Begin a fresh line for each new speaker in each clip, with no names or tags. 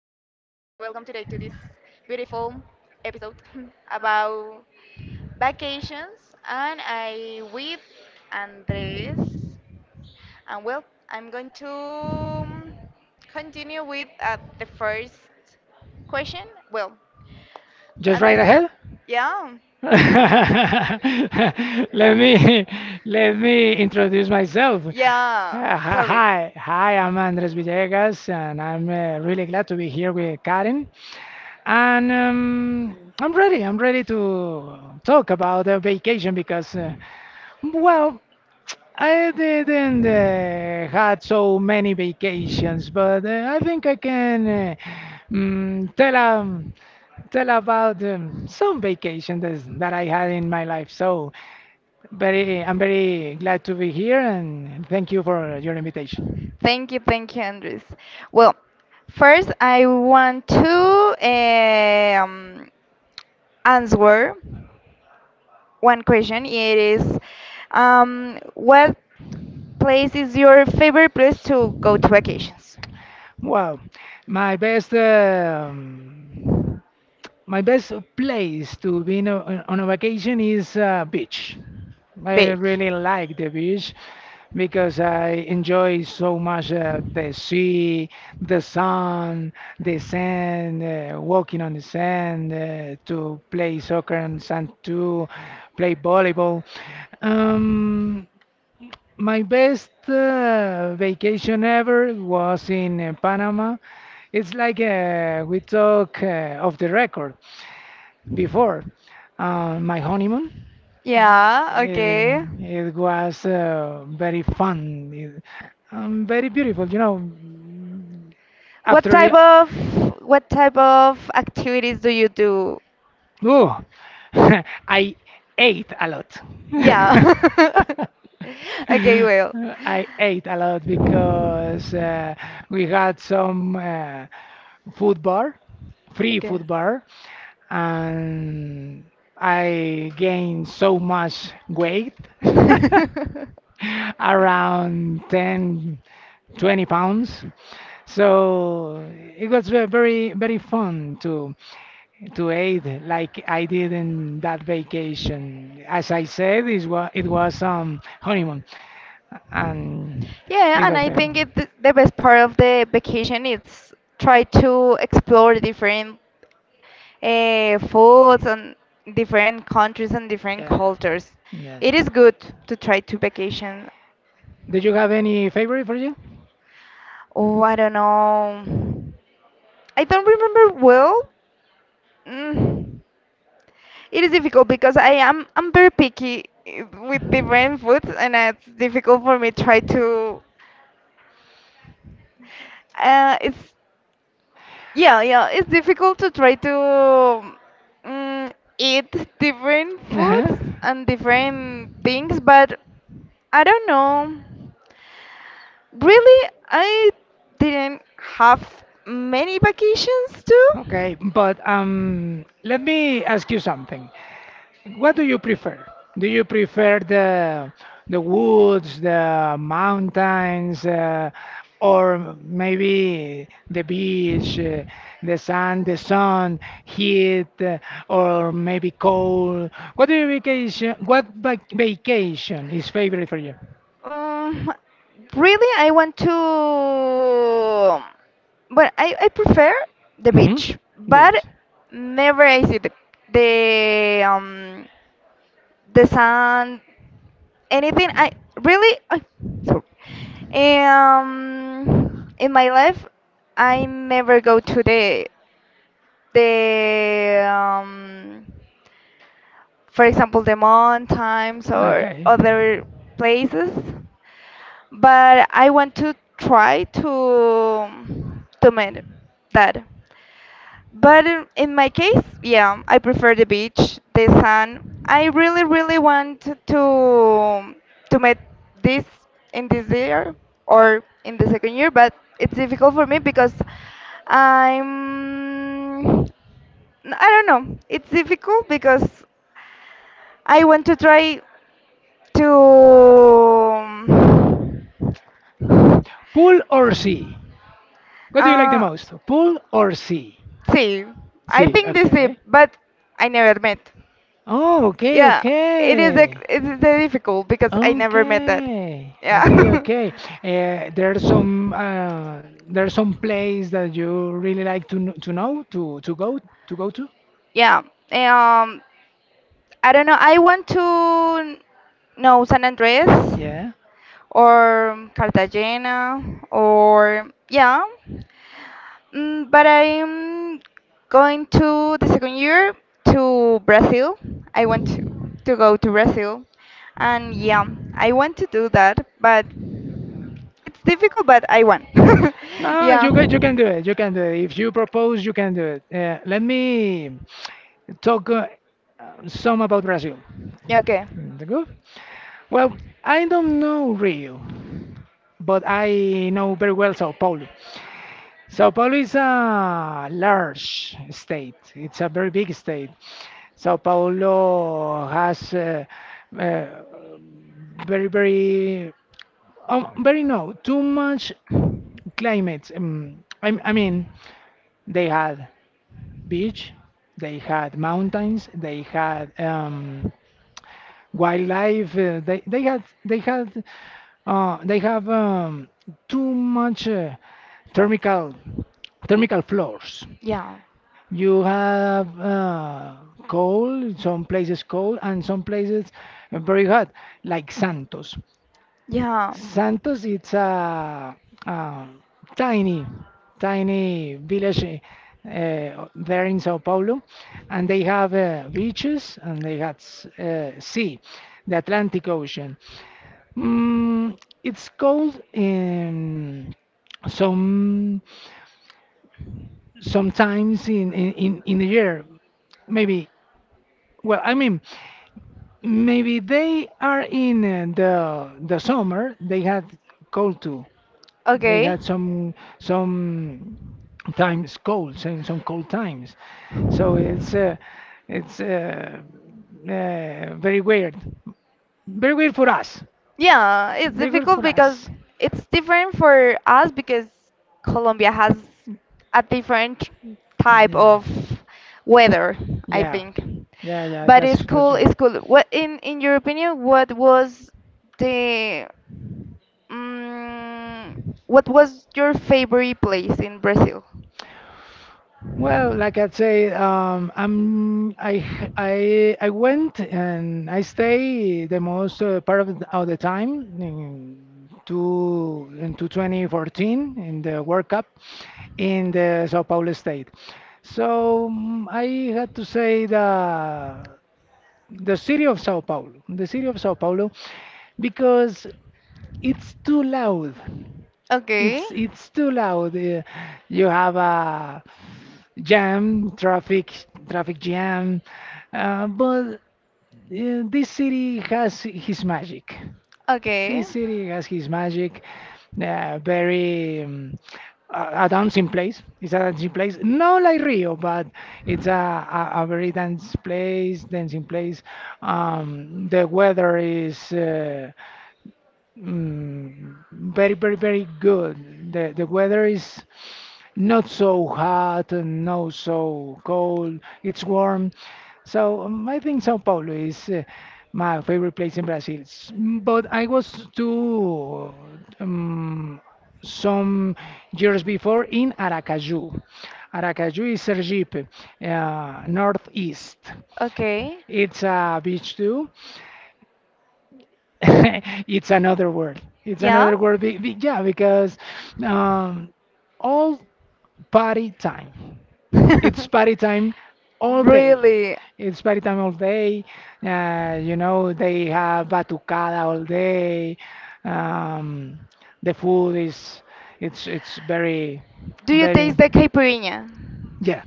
this beautiful episode about vacations and I with Andres and well, I'm going to continue with the first question. Well, Your
Just
Andres.
right
Question?
ahead.
Yeah.
Let me let me introduce myself.
Yeah, sorry.
Hi, I'm Andres Villegas, and I'm really glad to be here with Karen. And I'm ready. I'm ready to talk about the vacation because, well, I didn't had so many vacations, but I think I can tell tell about some that I had in my life. So, I'm very glad to be here and thank you for your invitation.
Thank you, Andres. Well, first I want to answer one question. It is, what place is your favorite place to go to vacations?
Wow, my best um, my best place to be in on a vacation is beach. I
Beach.
really like the beach because I enjoy so much the sea, the sun, the sand, walking on the sand, to play soccer on sand too, play volleyball. Um, my best vacation ever was in Panama. It's like we talk off the record before my honeymoon.
Yeah,
It,
okay.
it was very fun, very beautiful. You know,
What
after
type of what type of activities do you do?
oh, I ate a lot.
Yeah. Okay, well.
I ate a lot because we had food bar, free
Okay.
food bar, and I gained so much weight. Around 10, 20 pounds. So it was very, very fun to aid like I did in that vacation. As I said, it was honeymoon, and it
Yeah, and
was
I
very
think it the best part of the vacation is try to explore different foods and different countries and different
yeah
cultures.
yeah.
It is good to try to vacation.
Did you have any favorite for you?
Oh, I don't know. I don't remember well. Mm. It is difficult because I'm very picky eh, with different foods, and it's difficult for me try to. It's Yeah, yeah, it's difficult to try to mm, eat different
Uh-huh.
foods and different things, but I don't know. Really, I didn't have many vacations too.
Okay, but let me ask you something. What do you prefer? Do you prefer the woods, the mountains, or maybe the beach, the sand, the sun, heat, or maybe cold? What do you vacation? What vacation is favorite for you?
Um, Really, I want to, but I prefer the
Hmm.
beach. But
Beach.
never I see the the sun, anything. I really, I, sorry. In my life, I never go to the for example, the mountains or
Okay.
other places. But I want to try to make that. But in my case, yeah, I prefer the beach, the sun. I really, really want to make this in this year or in the second year, but it's difficult for me because I'm I don't know. It's difficult because I want to try to
Pool or sea? What do you like the
uh
most? Pool or sea?
see. I
Sea,
think this is
okay.
but I never met.
Oh, okay,
Yeah,
okay.
it is a difficult because I never met that.
Okay, okay,
Yeah.
okay. Uh, there's some uh, there's some place that you really like to to know to go to go to.
Yeah. um I don't know. I want to know San Andres
Yeah.
or Cartagena or yeah. Mm, but I'm going to the second year to Brazil. I want to go to Brazil, and yeah, I want to do that. But it's difficult, but I want.
No,
Yeah.
you can do it. You can do it. If you propose, you can do it. Let me talk some about Brazil.
Yeah, okay.
Mm, the Good. Well, I don't know Rio, but I know very well Sao Paulo. Sao Paulo is a large state. It's a very big state. Sao Paulo has uh, very, very no, too much climate. I mean, they had beach, they had mountains, they had wildlife. They had they have too much thermical thermical floors.
Yeah.
You have cold, some places cold, and some places very hot, like Santos.
Yeah.
Santos, it's a, um tiny, tiny village there in Sao Paulo, and they have beaches and they had sea, the Atlantic Ocean. Mm, it's cold in some sometimes in the year, maybe. Well, I mean, maybe they are in the summer. They had cold too. They
Okay.
had some times colds and some cold times. So it's very weird, very weird for us,
Yeah, it's
very weird
difficult
for
because
us.
it's different for us because Colombia has a different type
Yeah,
of weather, I
yeah,
think.
yeah, yeah.
But it's
That's
cool,
real.
it's cool. What in your opinion, what was the mm what was your favorite place in Brazil?
Well, like I said, I went and I stay the most part of of the time in two in 2014 in the World Cup in the Sao Paulo state. So mm, I had to say the city of Sao Paulo, the city of Sao Paulo, because it's too loud.
Okay.
It's too loud. You have a jam, traffic, traffic jam. But this city has his magic.
Okay.
This city has his magic. Very a dancing place. It's a dancing place, not like Rio, but it's a, a very dance place, dancing place. The weather is Mm, very, very, very good. The weather is not so hot and not so cold. It's warm. So I think Sao Paulo is my favorite place in Brazil. But I was to um, some years before in Aracaju. Aracaju is Sergipe, northeast.
Okay.
It's a beach too. It's another word. It's
Yeah.
another word. Yeah, because um, all party time. It's party time all day.
Really?
It's party time all day. You know, they have batucada all day. Um, the food is it's very
Do you
very
taste the caipirinha?
yeah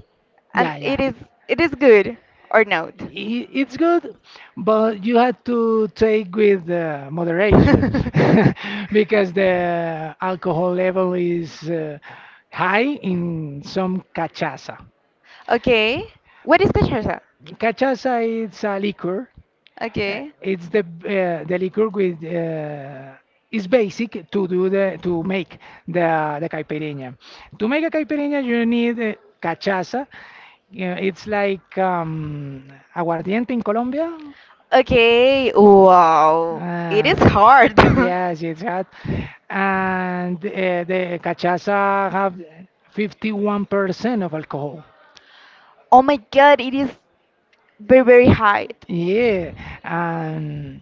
And
yeah yeah
it is good or not?
it's good, but you have to take with moderation because the alcohol level is high in some cachaça.
Okay. What is cachaça?
Cachaça is a liquor.
Okay.
It's the liquor with is basic to do the to make the caipirinha. To make a caipirinha, you need cachaça. Yeah, it's like aguardiente in Colombia.
Okay, wow. It is
Uh,
hard.
Yes, it's that. And the cachaça have 51% of alcohol.
Oh my god, it is very, very high.
Yeah, and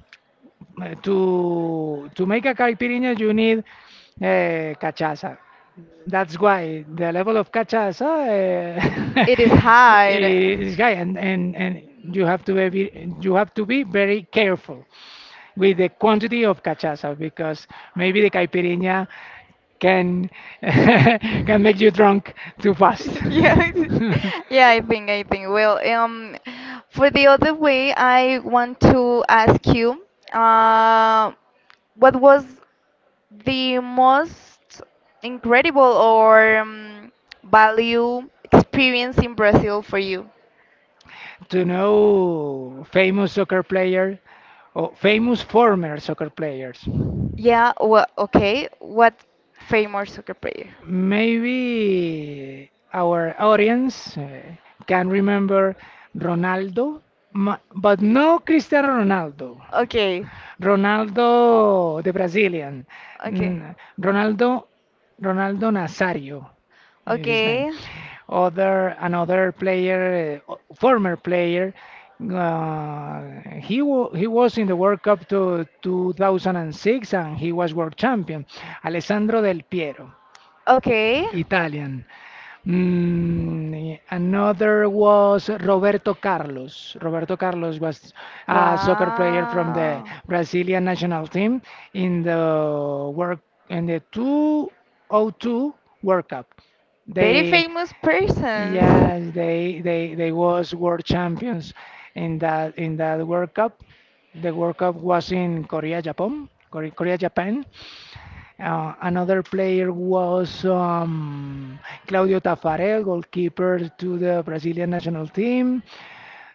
to make a caipirinha, you need cachaça. That's why the level of cachaça
It is high.
is high, and you have to be very careful with the quantity of cachaça because maybe the caipirinha can can make you drunk too fast.
Yeah. Yeah, I think, I think. Well, for the other way, I want to ask you, uh, what was the most incredible or value experience in Brazil for you?
To know famous soccer player or famous former soccer players.
Yeah, well, okay. What famous soccer player?
Maybe our audience can remember Ronaldo, but no Cristiano Ronaldo.
Okay,
Ronaldo, the Brazilian.
okay,
Mm, Ronaldo, Ronaldo Nazario is his name.
okay,
Other another player, former player. He was in the World Cup to 2006 and he was world champion. Alessandro Del Piero.
okay.
Italian. Mm, another was Roberto Carlos. Roberto Carlos was a soccer player from the
Wow.
Brazilian national team in the work in the 2002 World Cup.
Very
They
famous persons.
yes, they was world champions in that World Cup. The World Cup was in Korea, Japan. Uh, another player was Claudio Taffarel, goalkeeper to the Brazilian national team.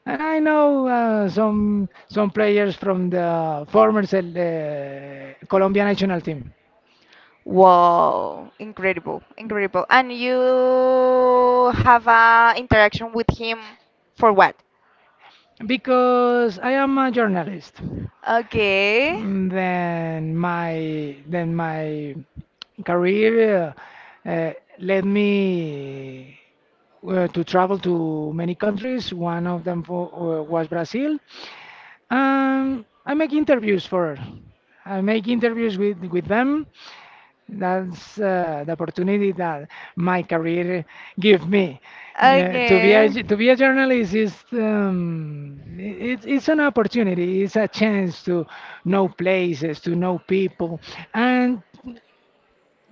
And I know some players from the former Colombian national team
Wow, incredible, incredible. And you have a interaction with him for what?
because I am a journalist.
Okay.
Mm, then my career uh, uh, led me to travel to many countries. One of them was Brazil. I make interviews for. I make interviews with them. That's the opportunity that my career give me. Yeah, to be a
Okay.
journalist is it's an opportunity. It's a chance to know places, to know people, and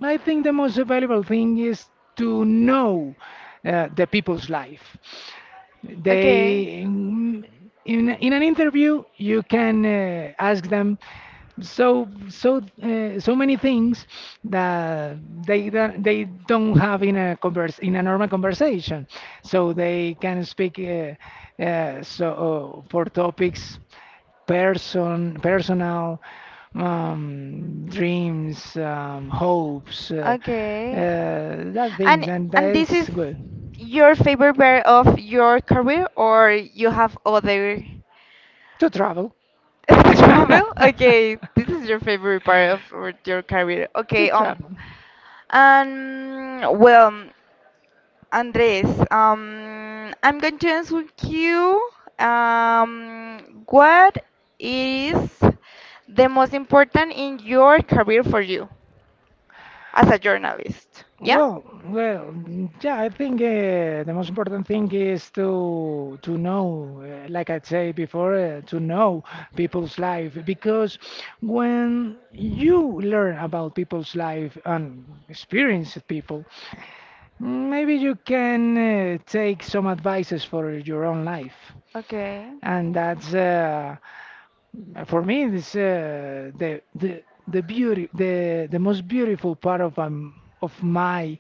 I think the most valuable thing is to know the people's life.
Okay.
They, in, in an interview, you can ask them so many things that they don't have in a normal conversation. So they can speak so for topics personal dreams, hopes,
Okay.
that
And
things, and
and this is
that's good.
your favorite part of your career or you have other?
To travel.
Travel?
To
Okay, this is your favorite part of your career. Okay,
travel.
well, Andres, I'm going to ask with you, what is the most important in your career for you as a journalist? Yeah?
Well, well, mm, yeah. I think the most important thing is to know, like I said before, to know people's life because when you learn about people's life and experience people, maybe you can take some advices for your own life.
Okay.
And that's for me this the beauty the most beautiful part of my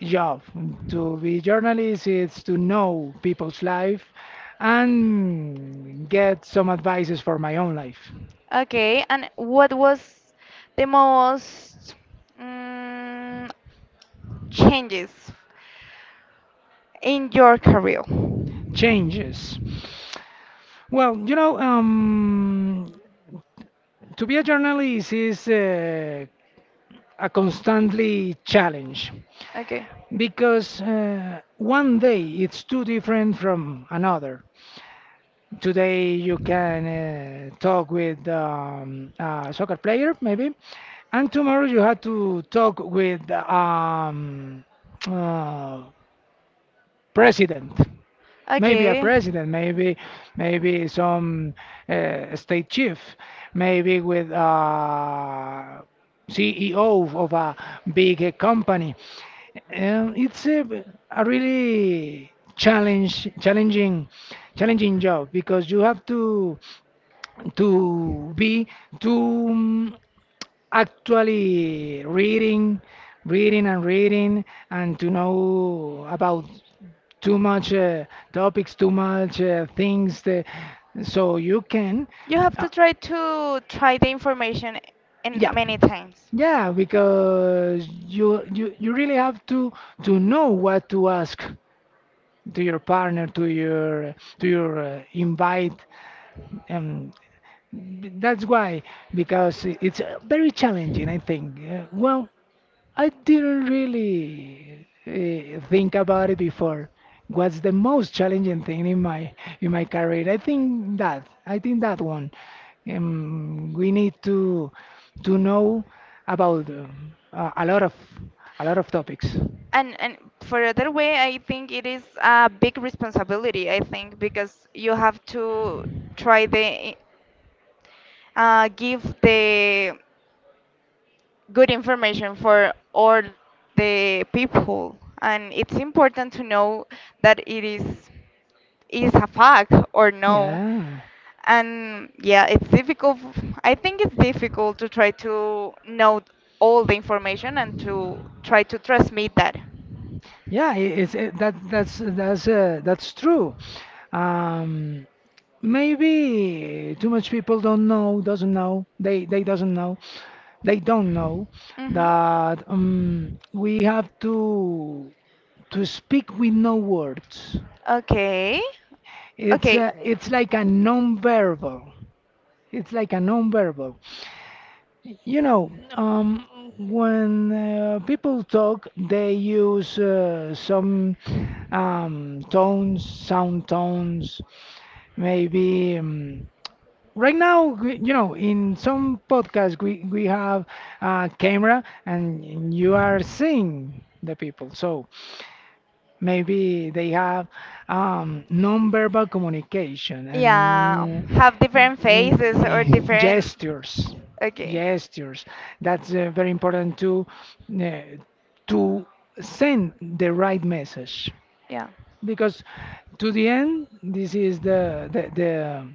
job. To be journalist is to know people's life and get some advices for my own life.
Okay, and what was the most mm, changes in your career?
Changes. Well, you know, to be a journalist is a constantly challenge
Okay.
because one day it's too different from another. Today you can talk with a soccer player maybe, and tomorrow you have to talk with uh, president maybe a
Okay.
president, maybe some state chief, maybe with CEO of a big company. Um, it's a, a really challenge, challenging, challenging job because you have to be to um, actually reading, reading and reading, and to know about too much topics, too much things. So you can,
You have
uh,
to try the information
yeah,
in many times.
yeah, because you really have to know what to ask to your partner, to your invite. Um, that's why, because it's very challenging, I think. Well, I didn't really think about it before. What's the most challenging thing in my career? I think that one. We need to know about a lot of topics.
And for other way, I think it is a big responsibility, I think, because you have to try the give the good information for all the people and it's important to know that it is a fact or no
Yeah.
and yeah it's difficult f- I think it's difficult to try to know all the information and to try to transmit that.
Yeah, that's true. Um, maybe too much people don't know, doesn't know. They doesn't know. They don't know
Hmm.
that we have to speak with no words.
Okay. Okay.
It's like a non-verbal. It's like a non-verbal. You know, when people talk, they use some tones, sound tones, maybe. Right now, you know, in some podcasts, we have a camera and you are seeing the people. So maybe they have non-verbal communication
Yeah,
and
have different phases or different.
gestures,
Okay.
gestures. That's very important uh, to send the right message
Yeah.
because to the end, this is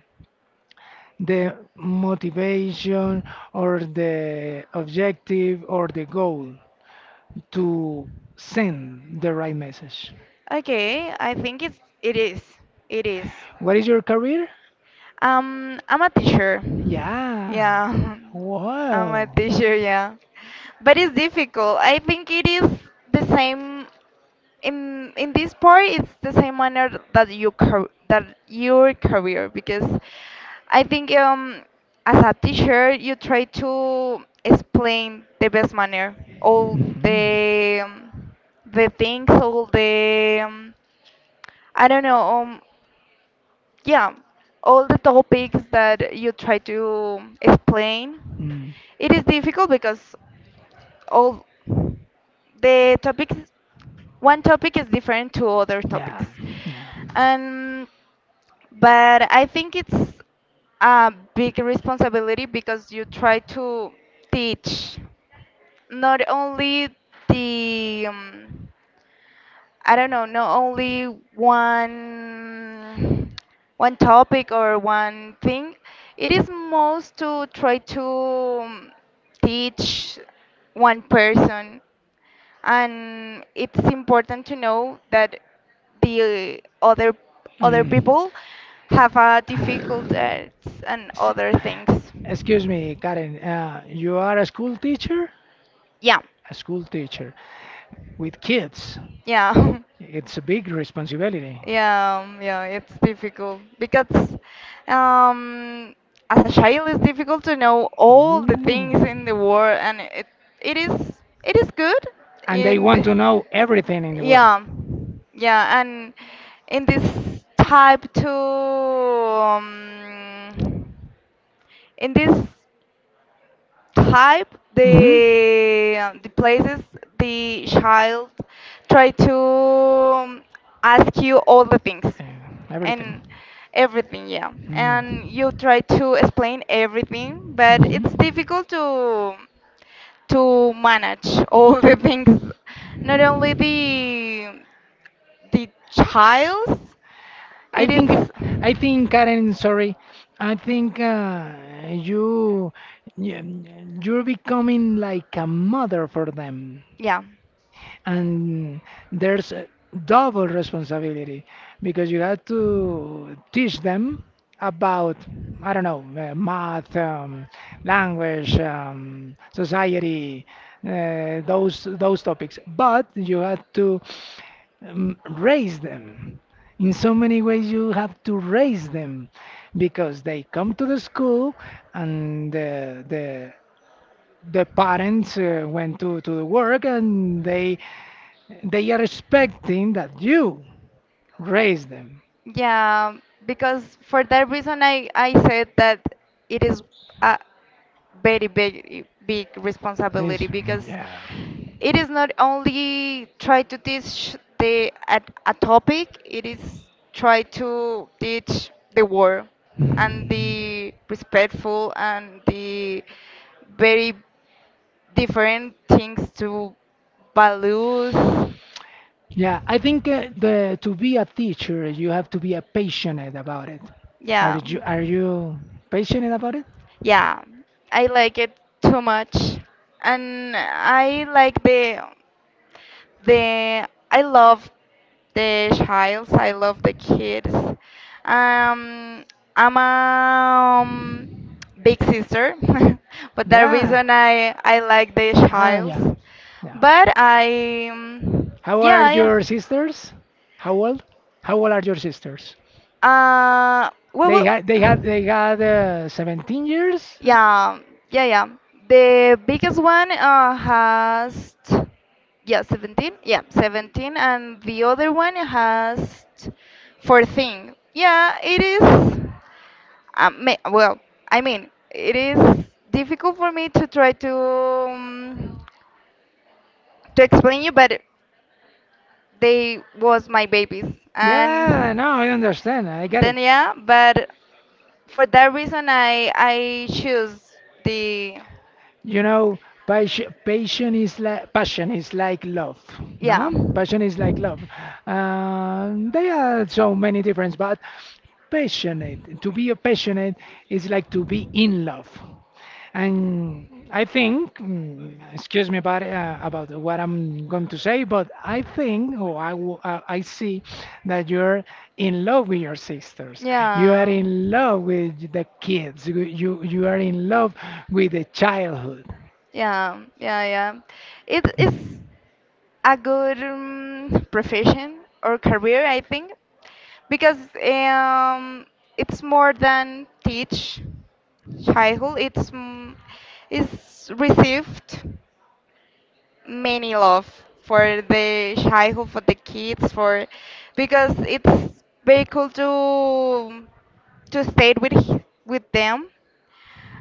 the motivation or the objective or the goal to send the right message.
Okay, I think it's it is. It is.
What is your career?
I'm a teacher.
Yeah.
Yeah. I'm a
Wow.
teacher, yeah. But it's difficult. I think it is the same in this part it's the same manner that that your career because I think as a teacher you try to explain the best manner all
Mhm.
the things all the I don't know. Yeah, all the topics that you try to explain,
Mm.
it is difficult because all the topics, one topic is different to other topics.
Yeah. Yeah.
And but I think it's a big responsibility because you try to teach not only the I don't know, not only one one topic or one thing. It is most to try to um, teach one person, and it's important to know that the other
Mm.
people have a difficulties and
S-
other things.
Excuse me, Karen. You are a school teacher?
Yeah.
A school teacher with kids.
Yeah.
It's a big responsibility.
Yeah, yeah, it's difficult because um, as a child, it's difficult to know all the things in
Ooh.
the world, and it it is it is good
And they
in
want
the,
to know everything in the world.
yeah, yeah, and in this type to in this type
Hmm.
the places the child try to ask you all the things
Everything.
and everything yeah
Mm.
and you try to explain everything but it's
Mhm.
difficult to manage all the things not only the child's it
I think,
is
I think, Karen, sorry, I think you, you, you're becoming like a mother for them.
yeah.
And there's a double responsibility because you have to teach them about I don't know math, language, society, those topics. But you have to raise them. In so many ways, you have to raise them because they come to the school and the parents went to the work and they are expecting that you raise them.
Yeah, because for that reason, I said that it is a very big, big
It's,
responsibility because
yeah.
it is not only try to teach the a topic, it is try to teach the world and the respectful and the very different things to values.
Yeah, I think the to be a teacher, you have to be passionate about it.
Yeah.
Are you passionate about it?
Yeah, I like it too much, and I like the I love the childs. I love the kids. Um, I'm a big sister, but the
Yeah.
reason I like the
Ah,
childs,
yeah. Yeah.
but I
How old are
yeah.
your sisters? How old? How old are your sisters?
I, well,
They had they had
well,
they had 17 years?
yeah, yeah, yeah. The biggest one has, yeah, 17. Yeah, 17. And the other one has 14. Yeah, it is. Well, I mean, it is difficult for me to try to explain you, but they was my babies,
Yeah,
and
no, I understand. I get
then
it.
yeah, but for that reason, I choose the.
You know, passion is like love.
Yeah.
No, passion is like love. There are so many differences, but passionate. To be a passionate is like to be in love. And I think, excuse me about what I'm going to say, but I think, I see that you're in love with your sisters. You are
Yeah.
in love with the kids. You are in love with the childhood.
Yeah, yeah, yeah. It is a good profession or career, I think, because um, it's more than teach childhood. It's it's received many love for the childhood, for the kids, for because it's very cool to to stay with them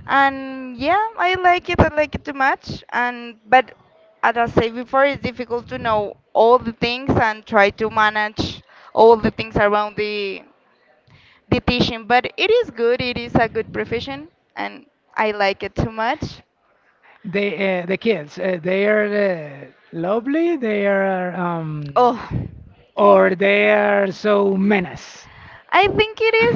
and yeah I like it I like it too much and but as I said before it's difficult to know all the things and try to manage all the things around the teaching but it is good it is a good profession and I like it too much.
They the kids. They are lovely. They are
Oh,
or they are so menace.
I think it is.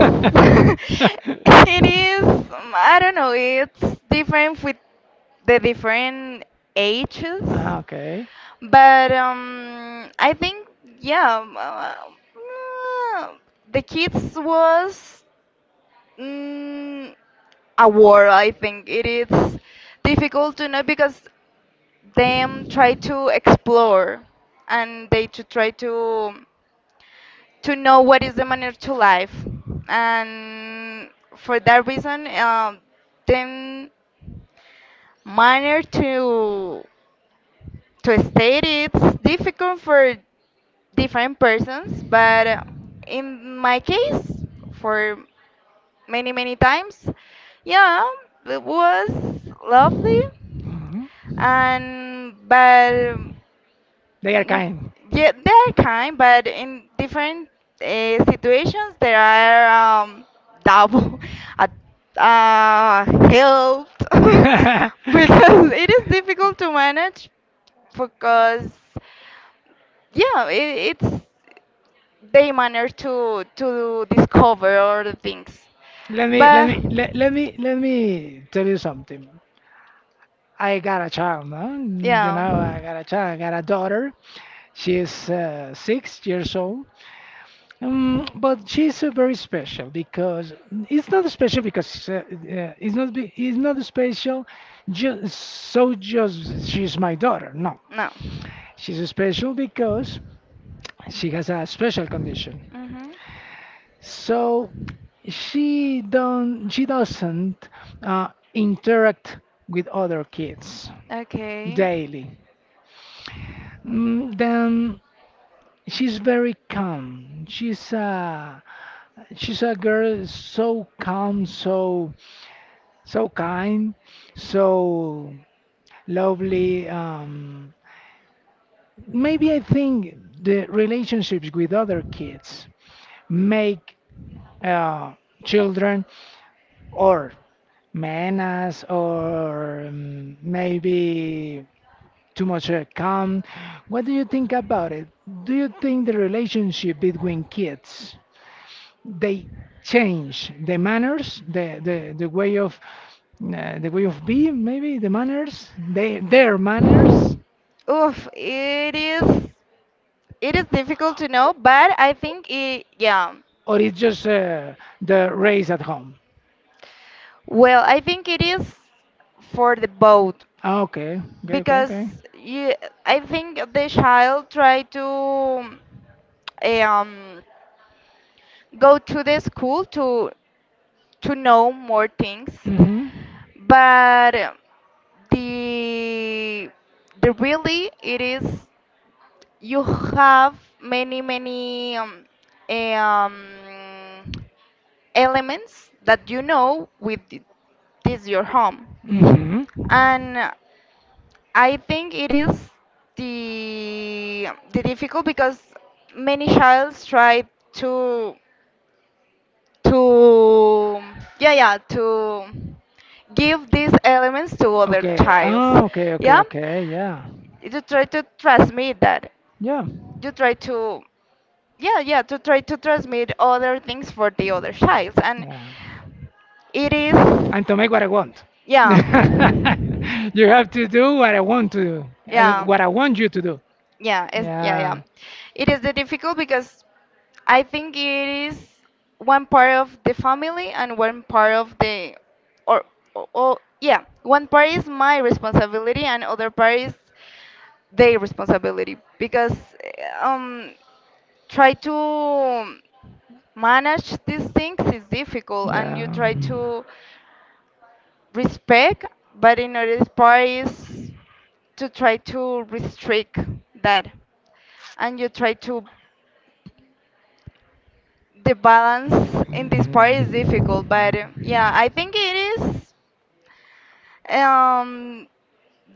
It is. I don't know. It's different with the different ages,
Ah, okay.
but I think yeah, the kids was mm, a war. I think it is difficult to know because them try to explore and they to try to know what is the manner to life. And for that reason, then manner to state it's difficult for different persons, but in my case, for many many times, yeah, it was lovely.
Mhm.
And but
They are
N-.
kind.
Yeah, they are kind, but in different situations there are um, double at help because it is difficult to manage because yeah, it, it's they manage to discover all the things, but
Let me tell you something. I got a child, no? You
yeah.
know, I got a child. I got a daughter. She's 6 years old. But she's very special because it's not be- it's not special. Just so just she's my daughter. No,
No.
she's special because she has a special condition.
Mm-hmm.
So she doesn't interact with other kids
Okay.
daily. Then she's very calm. She's a girl so calm, so kind, so lovely. Maybe I think the relationships with other kids make uh, children or menace or maybe too much calm. What do you think about it? Do you think the relationship between kids they change the manners, the way of being, maybe the manners, their manners,
Oof, it is difficult to know, but I think it yeah.
or it's just the race at home?
Well, I think it is for the boat
Ah, okay,
because
okay.
you I think the child tried to um go to the school to know more things
Mhm.
but the the really it is you have many many um, elements that you know with this your home
Mhm.
and I think it is the difficult because many childs try to to yeah yeah to give these elements to other
Okay.
childs
Oh,
yeah
okay. Yeah.
you try to transmit that
Yeah.
you try to yeah yeah to try to transmit other things for the other child and
Yeah.
it is
And to make what I want.
yeah
You have to do what I want to do,
yeah
what I want you to do.
yeah it's, yeah yeah
Yeah.
it is the difficult because I think it is one part of the family and one part of the or, or yeah one part is my responsibility and other part is their responsibility because um, try to manage these things is difficult and you
Yeah.
try to respect but in other part is to try to restrict that and you try to the balance in this part is difficult but yeah I think it is um,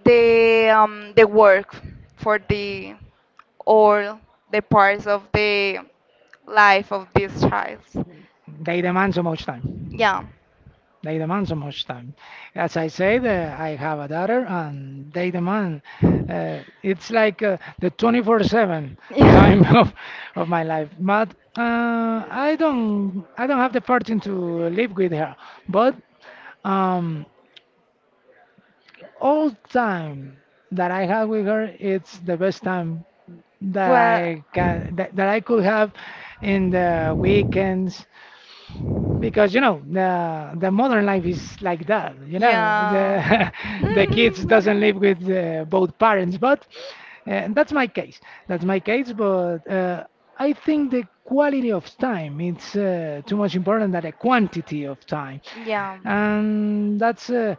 the work for the all the parts of the life of this child.
They demand so much time.
Yeah.
They demand so much time. As I said, I have a daughter, and they demand. It's like the 24/7 time of my life. But I don't have the fortune to live with her. But um, all time that I have with her, it's the best time
Yeah.
that I could have in the weekends because you
Well,
know the modern life is like that you know
yeah.
the, the kids doesn't live with both parents but uh, that's my case that's my case but I think the quality of time it's too much important than the quantity of time
Yeah.
and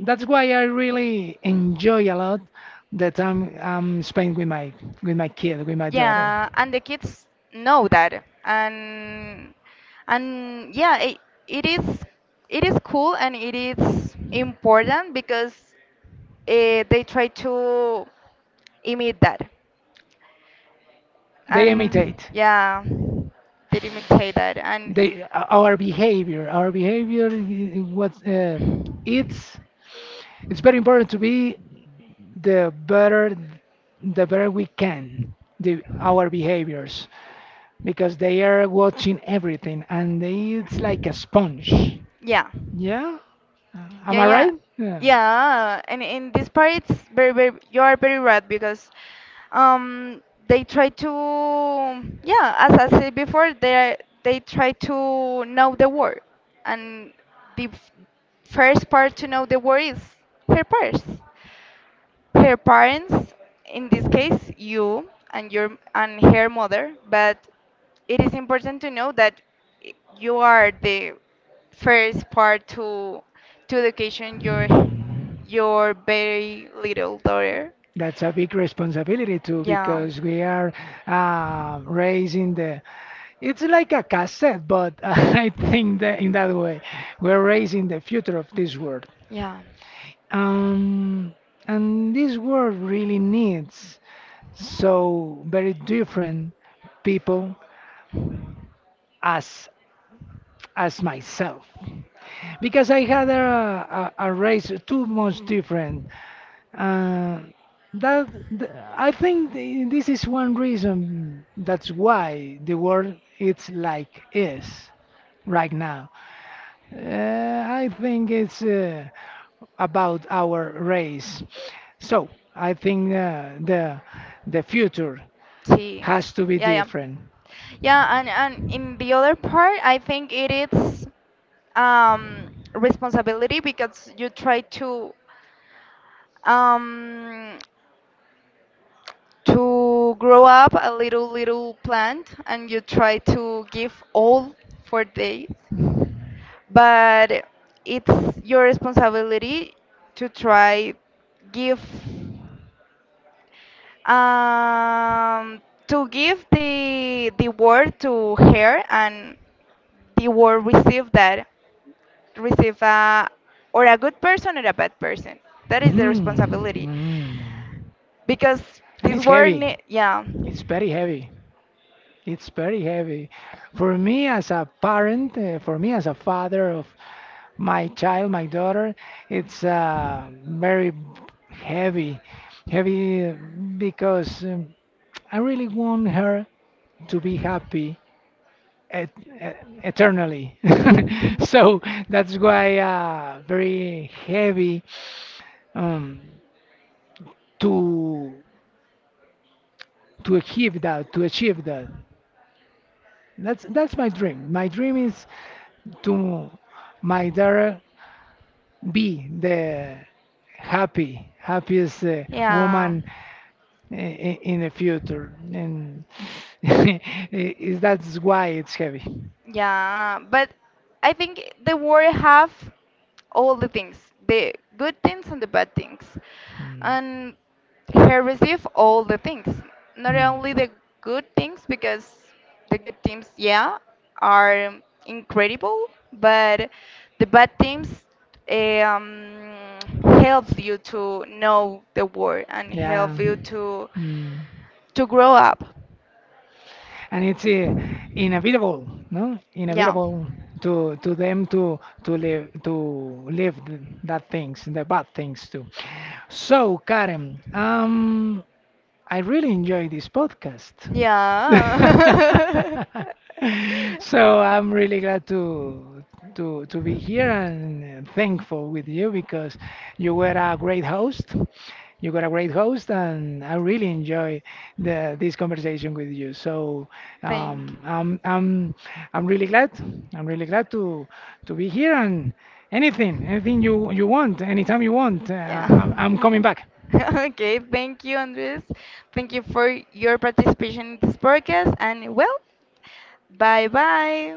that's why I really enjoy a lot the time I'm spent with my kid with my daughter.
Yeah, and the kids know that, and yeah, it, it is it is cool and it is important because they try to imitate that,
They
and
imitate,
yeah, they imitate that,
they our behavior I- what it's it's very important to be the better the
and
better we can the our behaviors because they are watching everything and they, it's like a sponge.
yeah.
Yeah. Am
Yeah,
I
yeah,
right? Yeah.
yeah. And in this part, it's very, very. You are very right because, um, they try to, yeah, as I said before, they try to know the word, and the f- first part to know the word is her parts her parents, in this case, you and your and her mother, but it is important to know that I- you are the first part to education your very little daughter.
That's a big responsibility too
Yeah.
because we are raising the it's like a cassette, but I think that in that way we're raising the future of this world.
Yeah.
Um, and this world really needs so very different people as as myself because I had a race too much different. Uh, that th- I think this is one reason that's why the world it's like is right now. I think it's about our race. So I think the future
Sí,
has to be
yeah, yeah,
different.
yeah, and in the other part, I think it is um, responsibility because you try um, to grow up a little little plant and you try to give all for days, but it's your responsibility to try give um, to give the word to her and the word receive that receive a or a good person or a bad person that is the
Mm,
responsibility
mm.
because
And
this
it's
word
heavy.
yeah
It's very heavy. It's very heavy. For me as a parent, for me as a father of my child, my daughter, it's very heavy. Heavy because I really want her to be happy et- e- eternally. So that's why very heavy um, to to achieve that. That's my dream. My dream is to my daughter be the happy happiest
yeah.
woman in the future, and i- that's why it's heavy.
Yeah, but I think the world have all the things, the good things and the bad things.
Mm.
And he received all the things, not only
Mm.
the good things because the good things, yeah, are incredible, but the bad things um, help you to know the world and
Yeah.
help you
Mm.
to grow up.
And it's inevitable, no?
Yeah.
Inevitable to them to live that things, the bad things too. So, Karen, I really enjoy this podcast.
Yeah.
So I'm really glad to be here and thankful with you because you were a great host. You got a great host, and I really enjoy the this conversation with you. So
Thank
um,
you.
I'm I'm I'm really glad. I'm really glad to be here and anything you want anytime you want.
Yeah.
I'm coming back.
Okay, thank you, Andres. Thank you for your participation in this podcast. And well, bye bye.